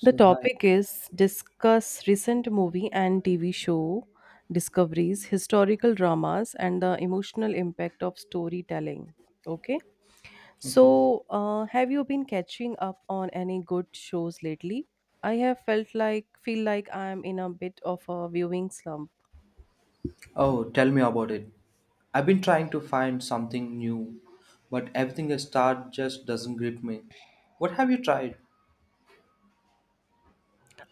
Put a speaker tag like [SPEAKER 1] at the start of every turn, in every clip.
[SPEAKER 1] The
[SPEAKER 2] hi.
[SPEAKER 1] topic is discuss recent movie and TV show discoveries, historical dramas, and the emotional impact of storytelling. Okay,
[SPEAKER 2] Okay.
[SPEAKER 1] so have you been catching up on any good shows lately? I have felt like feel like I am in a bit of a viewing slump.
[SPEAKER 2] Oh, tell me about it. I've been trying to find something new, but everything I start just doesn't grip me. What have you tried?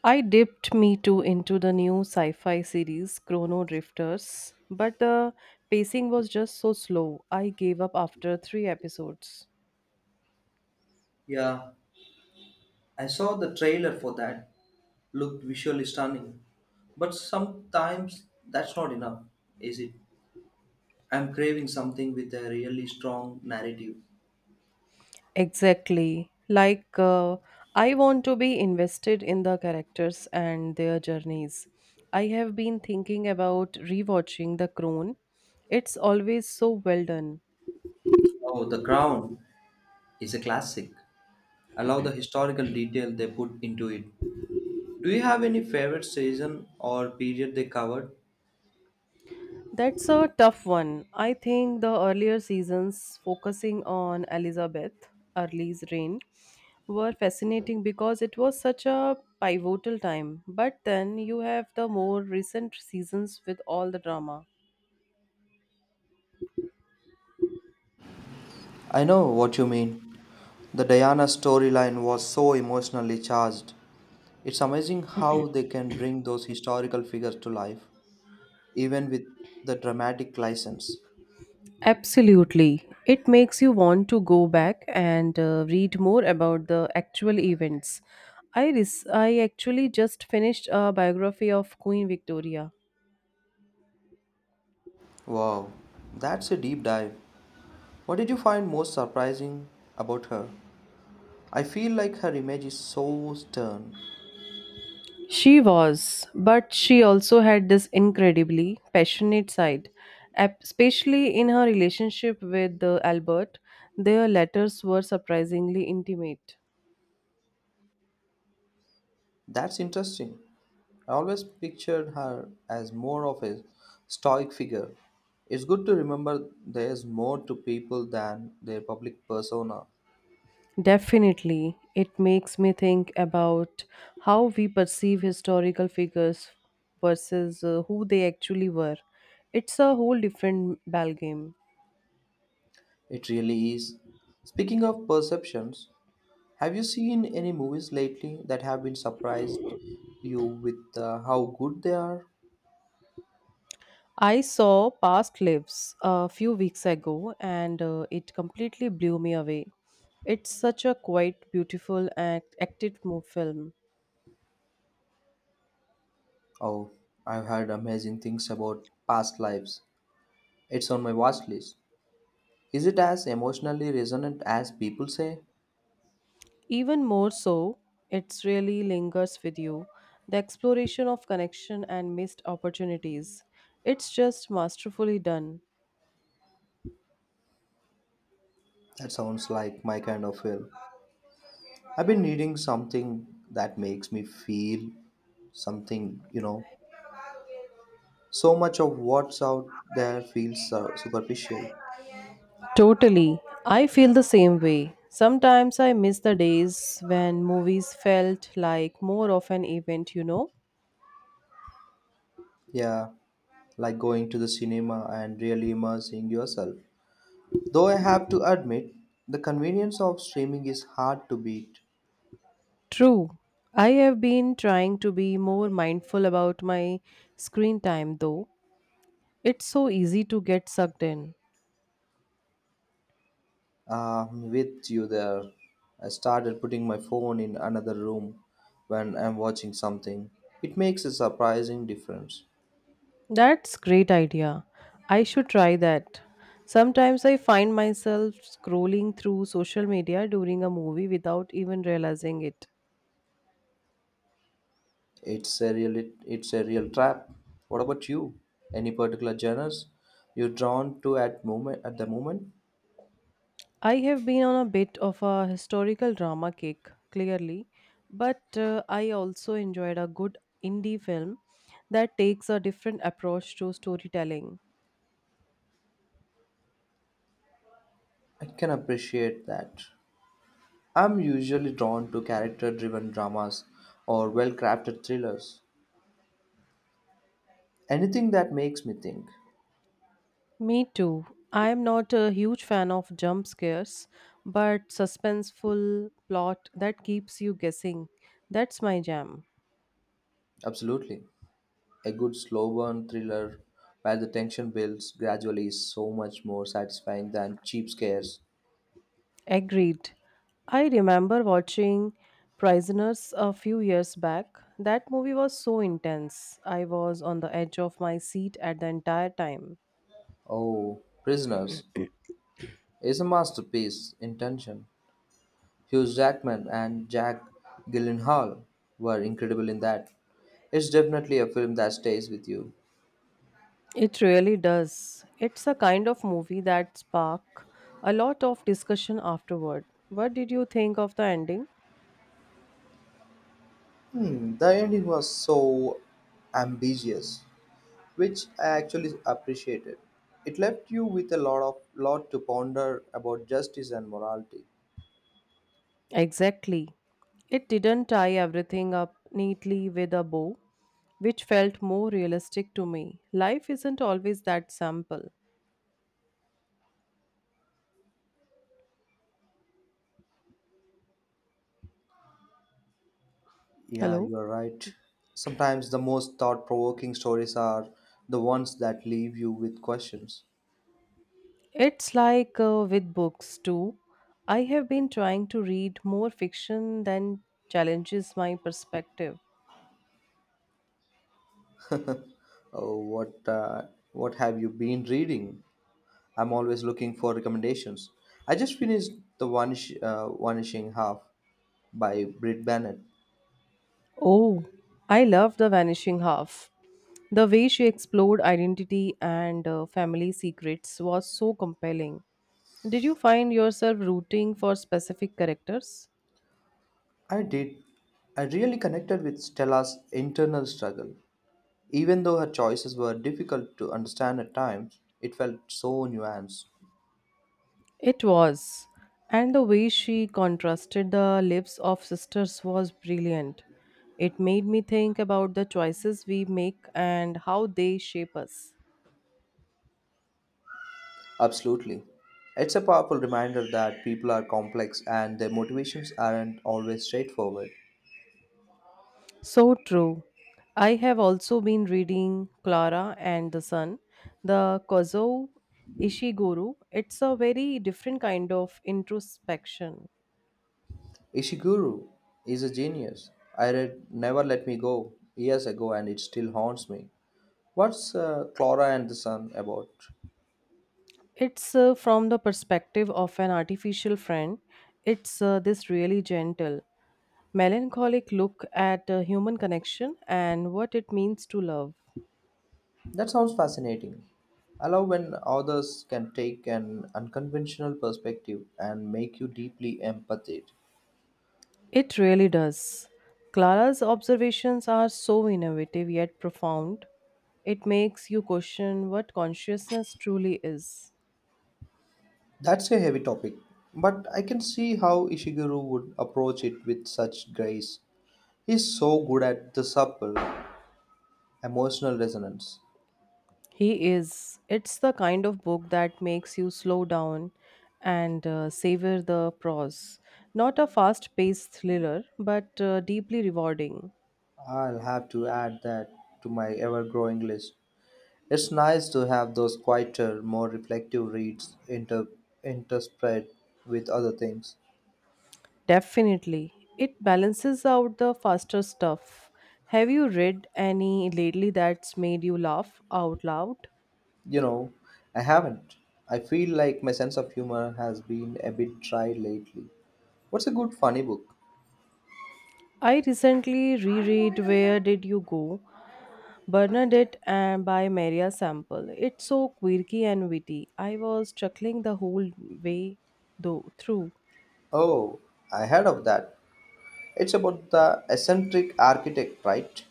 [SPEAKER 1] I dipped me too into the new sci-fi series Chrono Drifters, but the pacing was just so slow. I gave up after three episodes.
[SPEAKER 2] Yeah, I saw the trailer for that. Looked visually stunning. But sometimes that's not enough, is it? I'm craving something with a really strong narrative.
[SPEAKER 1] Exactly. I want to be invested in the characters and their journeys. I have been thinking about rewatching The Crown. It's always so well done.
[SPEAKER 2] Oh, The Crown is a classic. I love the historical detail they put into it. Do you have any favorite season or period they covered?
[SPEAKER 1] That's a tough one. I think the earlier seasons focusing on Elizabeth Early's reign were fascinating because it was such a pivotal time. But then you have the more recent seasons with all the drama.
[SPEAKER 2] I know what you mean. The Diana storyline was so emotionally charged. It's amazing how they can bring those historical figures to life, even with the dramatic license.
[SPEAKER 1] Absolutely. It makes you want to go back and read more about the actual events. I actually just finished a biography of Queen Victoria.
[SPEAKER 2] Wow, that's a deep dive. What did you find most surprising about her? I feel like her image is so stern.
[SPEAKER 1] She was, but she also had this incredibly passionate side, especially in her relationship with Albert. Their letters were surprisingly intimate.
[SPEAKER 2] That's interesting. I always pictured her as more of a stoic figure. It's good to remember there's more to people than their public persona.
[SPEAKER 1] Definitely. It makes me think about how we perceive historical figures versus who they actually were. It's a whole different ballgame.
[SPEAKER 2] It really is. Speaking of perceptions, have you seen any movies lately that have been surprised you with how good they are?
[SPEAKER 1] I saw Past Lives a few weeks ago and it completely blew me away. It's such a quite beautiful and acted film.
[SPEAKER 2] Oh, I've heard amazing things about past lives. It's on my watch list. Is it as emotionally resonant as people say?
[SPEAKER 1] Even more so, it really lingers with you the exploration of connection and missed opportunities. It's just masterfully done.
[SPEAKER 2] That sounds like my kind of film. I've been needing something that makes me feel something. So much of what's out there feels so superficial.
[SPEAKER 1] Totally. I feel the same way. Sometimes I miss the days when movies felt like more of an event, you know?
[SPEAKER 2] Yeah, like going to the cinema and really immersing yourself. Though I have to admit, the convenience of streaming is hard to beat.
[SPEAKER 1] True. I have been trying to be more mindful about my screen time, though. It's so easy to get sucked in.
[SPEAKER 2] With you there, I started putting my phone in another room when I'm watching something. It makes a surprising difference.
[SPEAKER 1] That's great idea. I should try that. Sometimes I find myself scrolling through social media during a movie without even realizing it.
[SPEAKER 2] It's a real it's a real trap. What about you? Any particular genres you're drawn to at the moment?
[SPEAKER 1] I have been on a bit of a historical drama kick, clearly, but I also enjoyed a good indie film that takes a different approach to storytelling.
[SPEAKER 2] I can appreciate that. I'm usually drawn to character-driven dramas or well-crafted thrillers. Anything that makes me think.
[SPEAKER 1] Me too. I am not a huge fan of jump scares, but suspenseful plot that keeps you guessing. That's my jam.
[SPEAKER 2] Absolutely. A good slow burn thriller where the tension builds gradually is so much more satisfying than cheap scares.
[SPEAKER 1] Agreed. I remember watching Prisoners a few years back. That movie was so intense. I was on the edge of my seat at the entire time.
[SPEAKER 2] Oh, Prisoners is a masterpiece in tension. Hugh Jackman and Jack Gyllenhaal were incredible in that. It's definitely a film that stays with you.
[SPEAKER 1] It really does. It's a kind of movie that spark a lot of discussion afterward. What did you think of the ending?
[SPEAKER 2] Hmm, the ending was so ambiguous, which I actually appreciated. It left you with a lot to ponder about justice and morality.
[SPEAKER 1] Exactly. It didn't tie everything up neatly with a bow, which felt more realistic to me. Life isn't always that simple.
[SPEAKER 2] Yeah,
[SPEAKER 1] Hello?
[SPEAKER 2] you are right. Sometimes the most thought-provoking stories are the ones that leave you with questions.
[SPEAKER 1] It's like with books too. I have been trying to read more fiction than challenges my perspective.
[SPEAKER 2] Oh, what have you been reading? I'm always looking for recommendations. I just finished The Vanishing Half by Britt Bennett.
[SPEAKER 1] Oh, I love The Vanishing Half. The way she explored identity and family secrets was so compelling. Did you find yourself rooting for specific characters?
[SPEAKER 2] I did. I really connected with Stella's internal struggle. Even though her choices were difficult to understand at times, it felt so nuanced.
[SPEAKER 1] It was. And the way she contrasted the lives of sisters was brilliant. It made me think about the choices we make and how they shape us.
[SPEAKER 2] Absolutely. It's a powerful reminder that people are complex and their motivations aren't always straightforward.
[SPEAKER 1] So true. I have also been reading Clara and the Sun, the Kozo Ishiguro. It's a very different kind of introspection.
[SPEAKER 2] Ishiguro is a genius. I read Never Let Me Go years ago and it still haunts me. What's Clara and the Sun about?
[SPEAKER 1] It's from the perspective of an artificial friend. It's this really gentle melancholic look at human connection and what it means to love.
[SPEAKER 2] That sounds fascinating. I love when authors can take an unconventional perspective and make you deeply empathic.
[SPEAKER 1] It really does. Clara's observations are so innovative yet profound. It makes you question what consciousness truly is.
[SPEAKER 2] That's a heavy topic, but I can see how Ishiguro would approach it with such grace. He's so good at the subtle emotional resonance.
[SPEAKER 1] He is. It's the kind of book that makes you slow down and savor the prose. Not a fast paced thriller, but deeply rewarding.
[SPEAKER 2] I'll have to add that to my ever growing list. It's nice to have those quieter, more reflective reads interspread with other things.
[SPEAKER 1] Definitely. It balances out the faster stuff. Have you read any lately that's made you laugh out loud?
[SPEAKER 2] You know, I haven't. I feel like my sense of humor has been a bit dry lately. What's a good funny book?
[SPEAKER 1] I recently reread Where Did You Go? Bernadette and by Maria Sample. It's so quirky and witty. I was chuckling the whole way though through.
[SPEAKER 2] Oh, I heard of that. It's about the eccentric architect, right?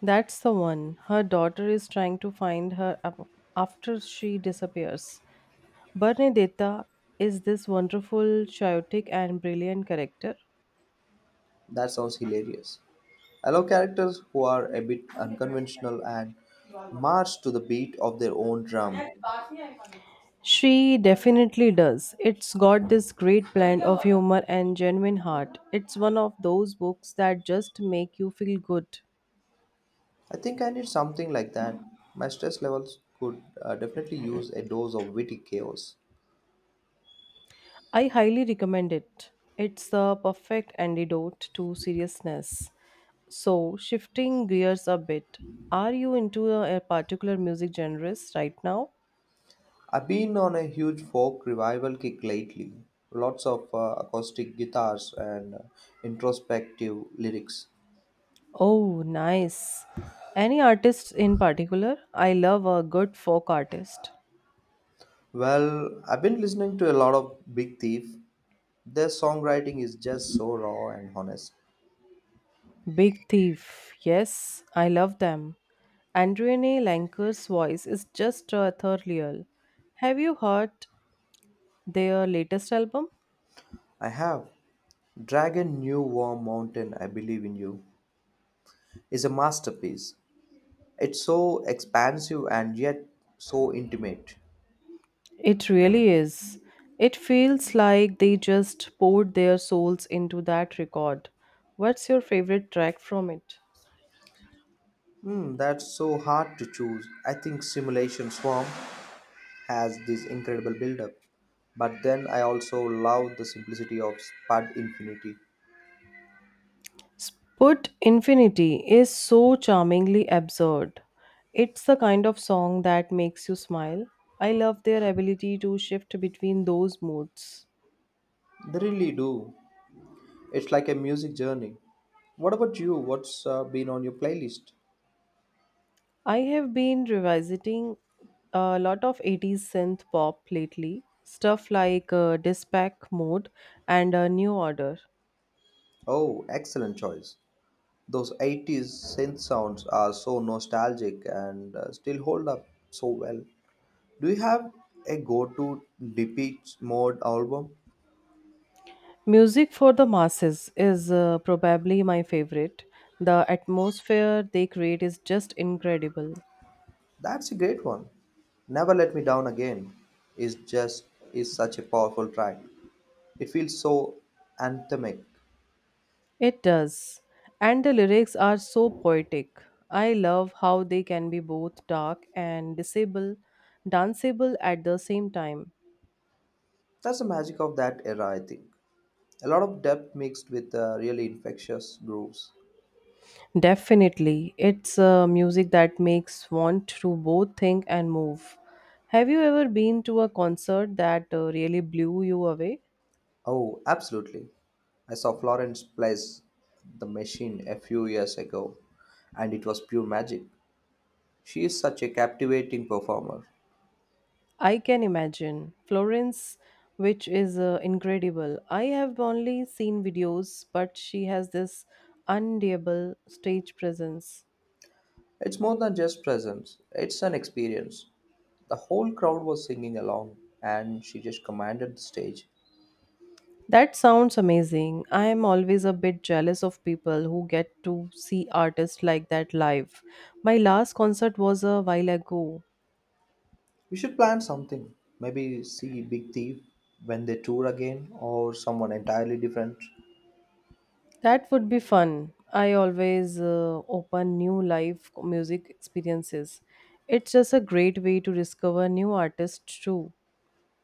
[SPEAKER 1] That's the one. Her daughter is trying to find her after she disappears. Bernadetta is this wonderful, chaotic, and brilliant character.
[SPEAKER 2] That sounds hilarious. I love characters who are a bit unconventional and march to the beat of their own drum.
[SPEAKER 1] She definitely does. It's got this great blend of humor and genuine heart. It's one of those books that just make you feel good.
[SPEAKER 2] I think I need something like that. My stress levels could definitely use a dose of witty chaos.
[SPEAKER 1] I highly recommend it. It's the perfect antidote to seriousness. So, shifting gears a bit, are you into a particular music genres right now?
[SPEAKER 2] I've been on a huge folk revival kick lately. Lots of acoustic guitars and introspective lyrics.
[SPEAKER 1] Oh, nice. Any artists in particular? I love a good folk artist.
[SPEAKER 2] Well, I've been listening to a lot of Big Thief. Their songwriting is just so raw and honest.
[SPEAKER 1] Big Thief. Yes, I love them. Andrene Lanker's voice is just ethereal. Have you heard their latest album?
[SPEAKER 2] I have Dragon New War Mountain, I Believe in You, is a masterpiece. It's so expansive and yet so intimate.
[SPEAKER 1] It really is. It feels like they just poured their souls into that record. What's your favorite track from it?
[SPEAKER 2] Hmm, that's so hard to choose. I think Simulation Swarm has this incredible build-up, but then I also love the simplicity of Spud Infinity.
[SPEAKER 1] Sput Infinity is so charmingly absurd. It's the kind of song that makes you smile. I love their ability to shift between those moods.
[SPEAKER 2] They really do. It's like a music journey. What about you? What's been on your playlist?
[SPEAKER 1] I have been revisiting a lot of 80s synth pop lately, stuff like Dispatch Mode and New Order.
[SPEAKER 2] Oh, excellent choice. Those 80s synth sounds are so nostalgic and still hold up so well. Do you have a go to DP mode album?
[SPEAKER 1] Music for the masses is probably my favorite. The atmosphere they create is just incredible.
[SPEAKER 2] That's a great one. Never Let Me Down Again is just is such a powerful track. It feels so anthemic.
[SPEAKER 1] It does. And the lyrics are so poetic. I love how they can be both dark and danceable at the same time.
[SPEAKER 2] That's the magic of that era, I think. A lot of depth mixed with really infectious grooves.
[SPEAKER 1] Definitely. It's music that makes want to both think and move. Have you ever been to a concert that really blew you away?
[SPEAKER 2] Oh, absolutely. I saw Florence plays the machine a few years ago, and it was pure magic. She is such a captivating performer.
[SPEAKER 1] I can imagine. Florence, which is incredible. I have only seen videos, but she has this undeniable stage presence.
[SPEAKER 2] It's more than just presence, it's an experience. The whole crowd was singing along, and she just commanded the stage.
[SPEAKER 1] That sounds amazing. I am always a bit jealous of people who get to see artists like that live. My last concert was a while ago.
[SPEAKER 2] We should plan something. Maybe see Big Thief when they tour again, or someone entirely different.
[SPEAKER 1] That would be fun. I always open new live music experiences. It's just a great way to discover new artists too.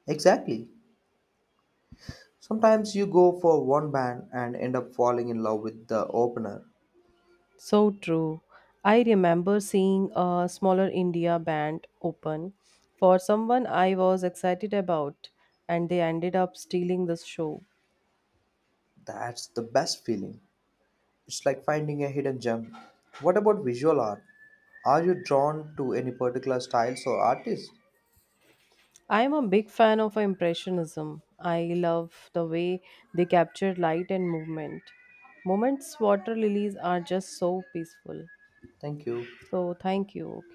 [SPEAKER 2] Exactly. Sometimes you go for one band and end up falling in love with the opener.
[SPEAKER 1] So true. I remember seeing a smaller India band open for someone I was excited about and they ended up stealing the show.
[SPEAKER 2] That's the best feeling. It's like finding a hidden gem. What about visual art? Are you drawn to any particular styles or artists?
[SPEAKER 1] I am a big fan of impressionism. I love the way they capture light and movement. Moments water lilies are just so peaceful.
[SPEAKER 2] Thank you.
[SPEAKER 1] So thank you. Okay.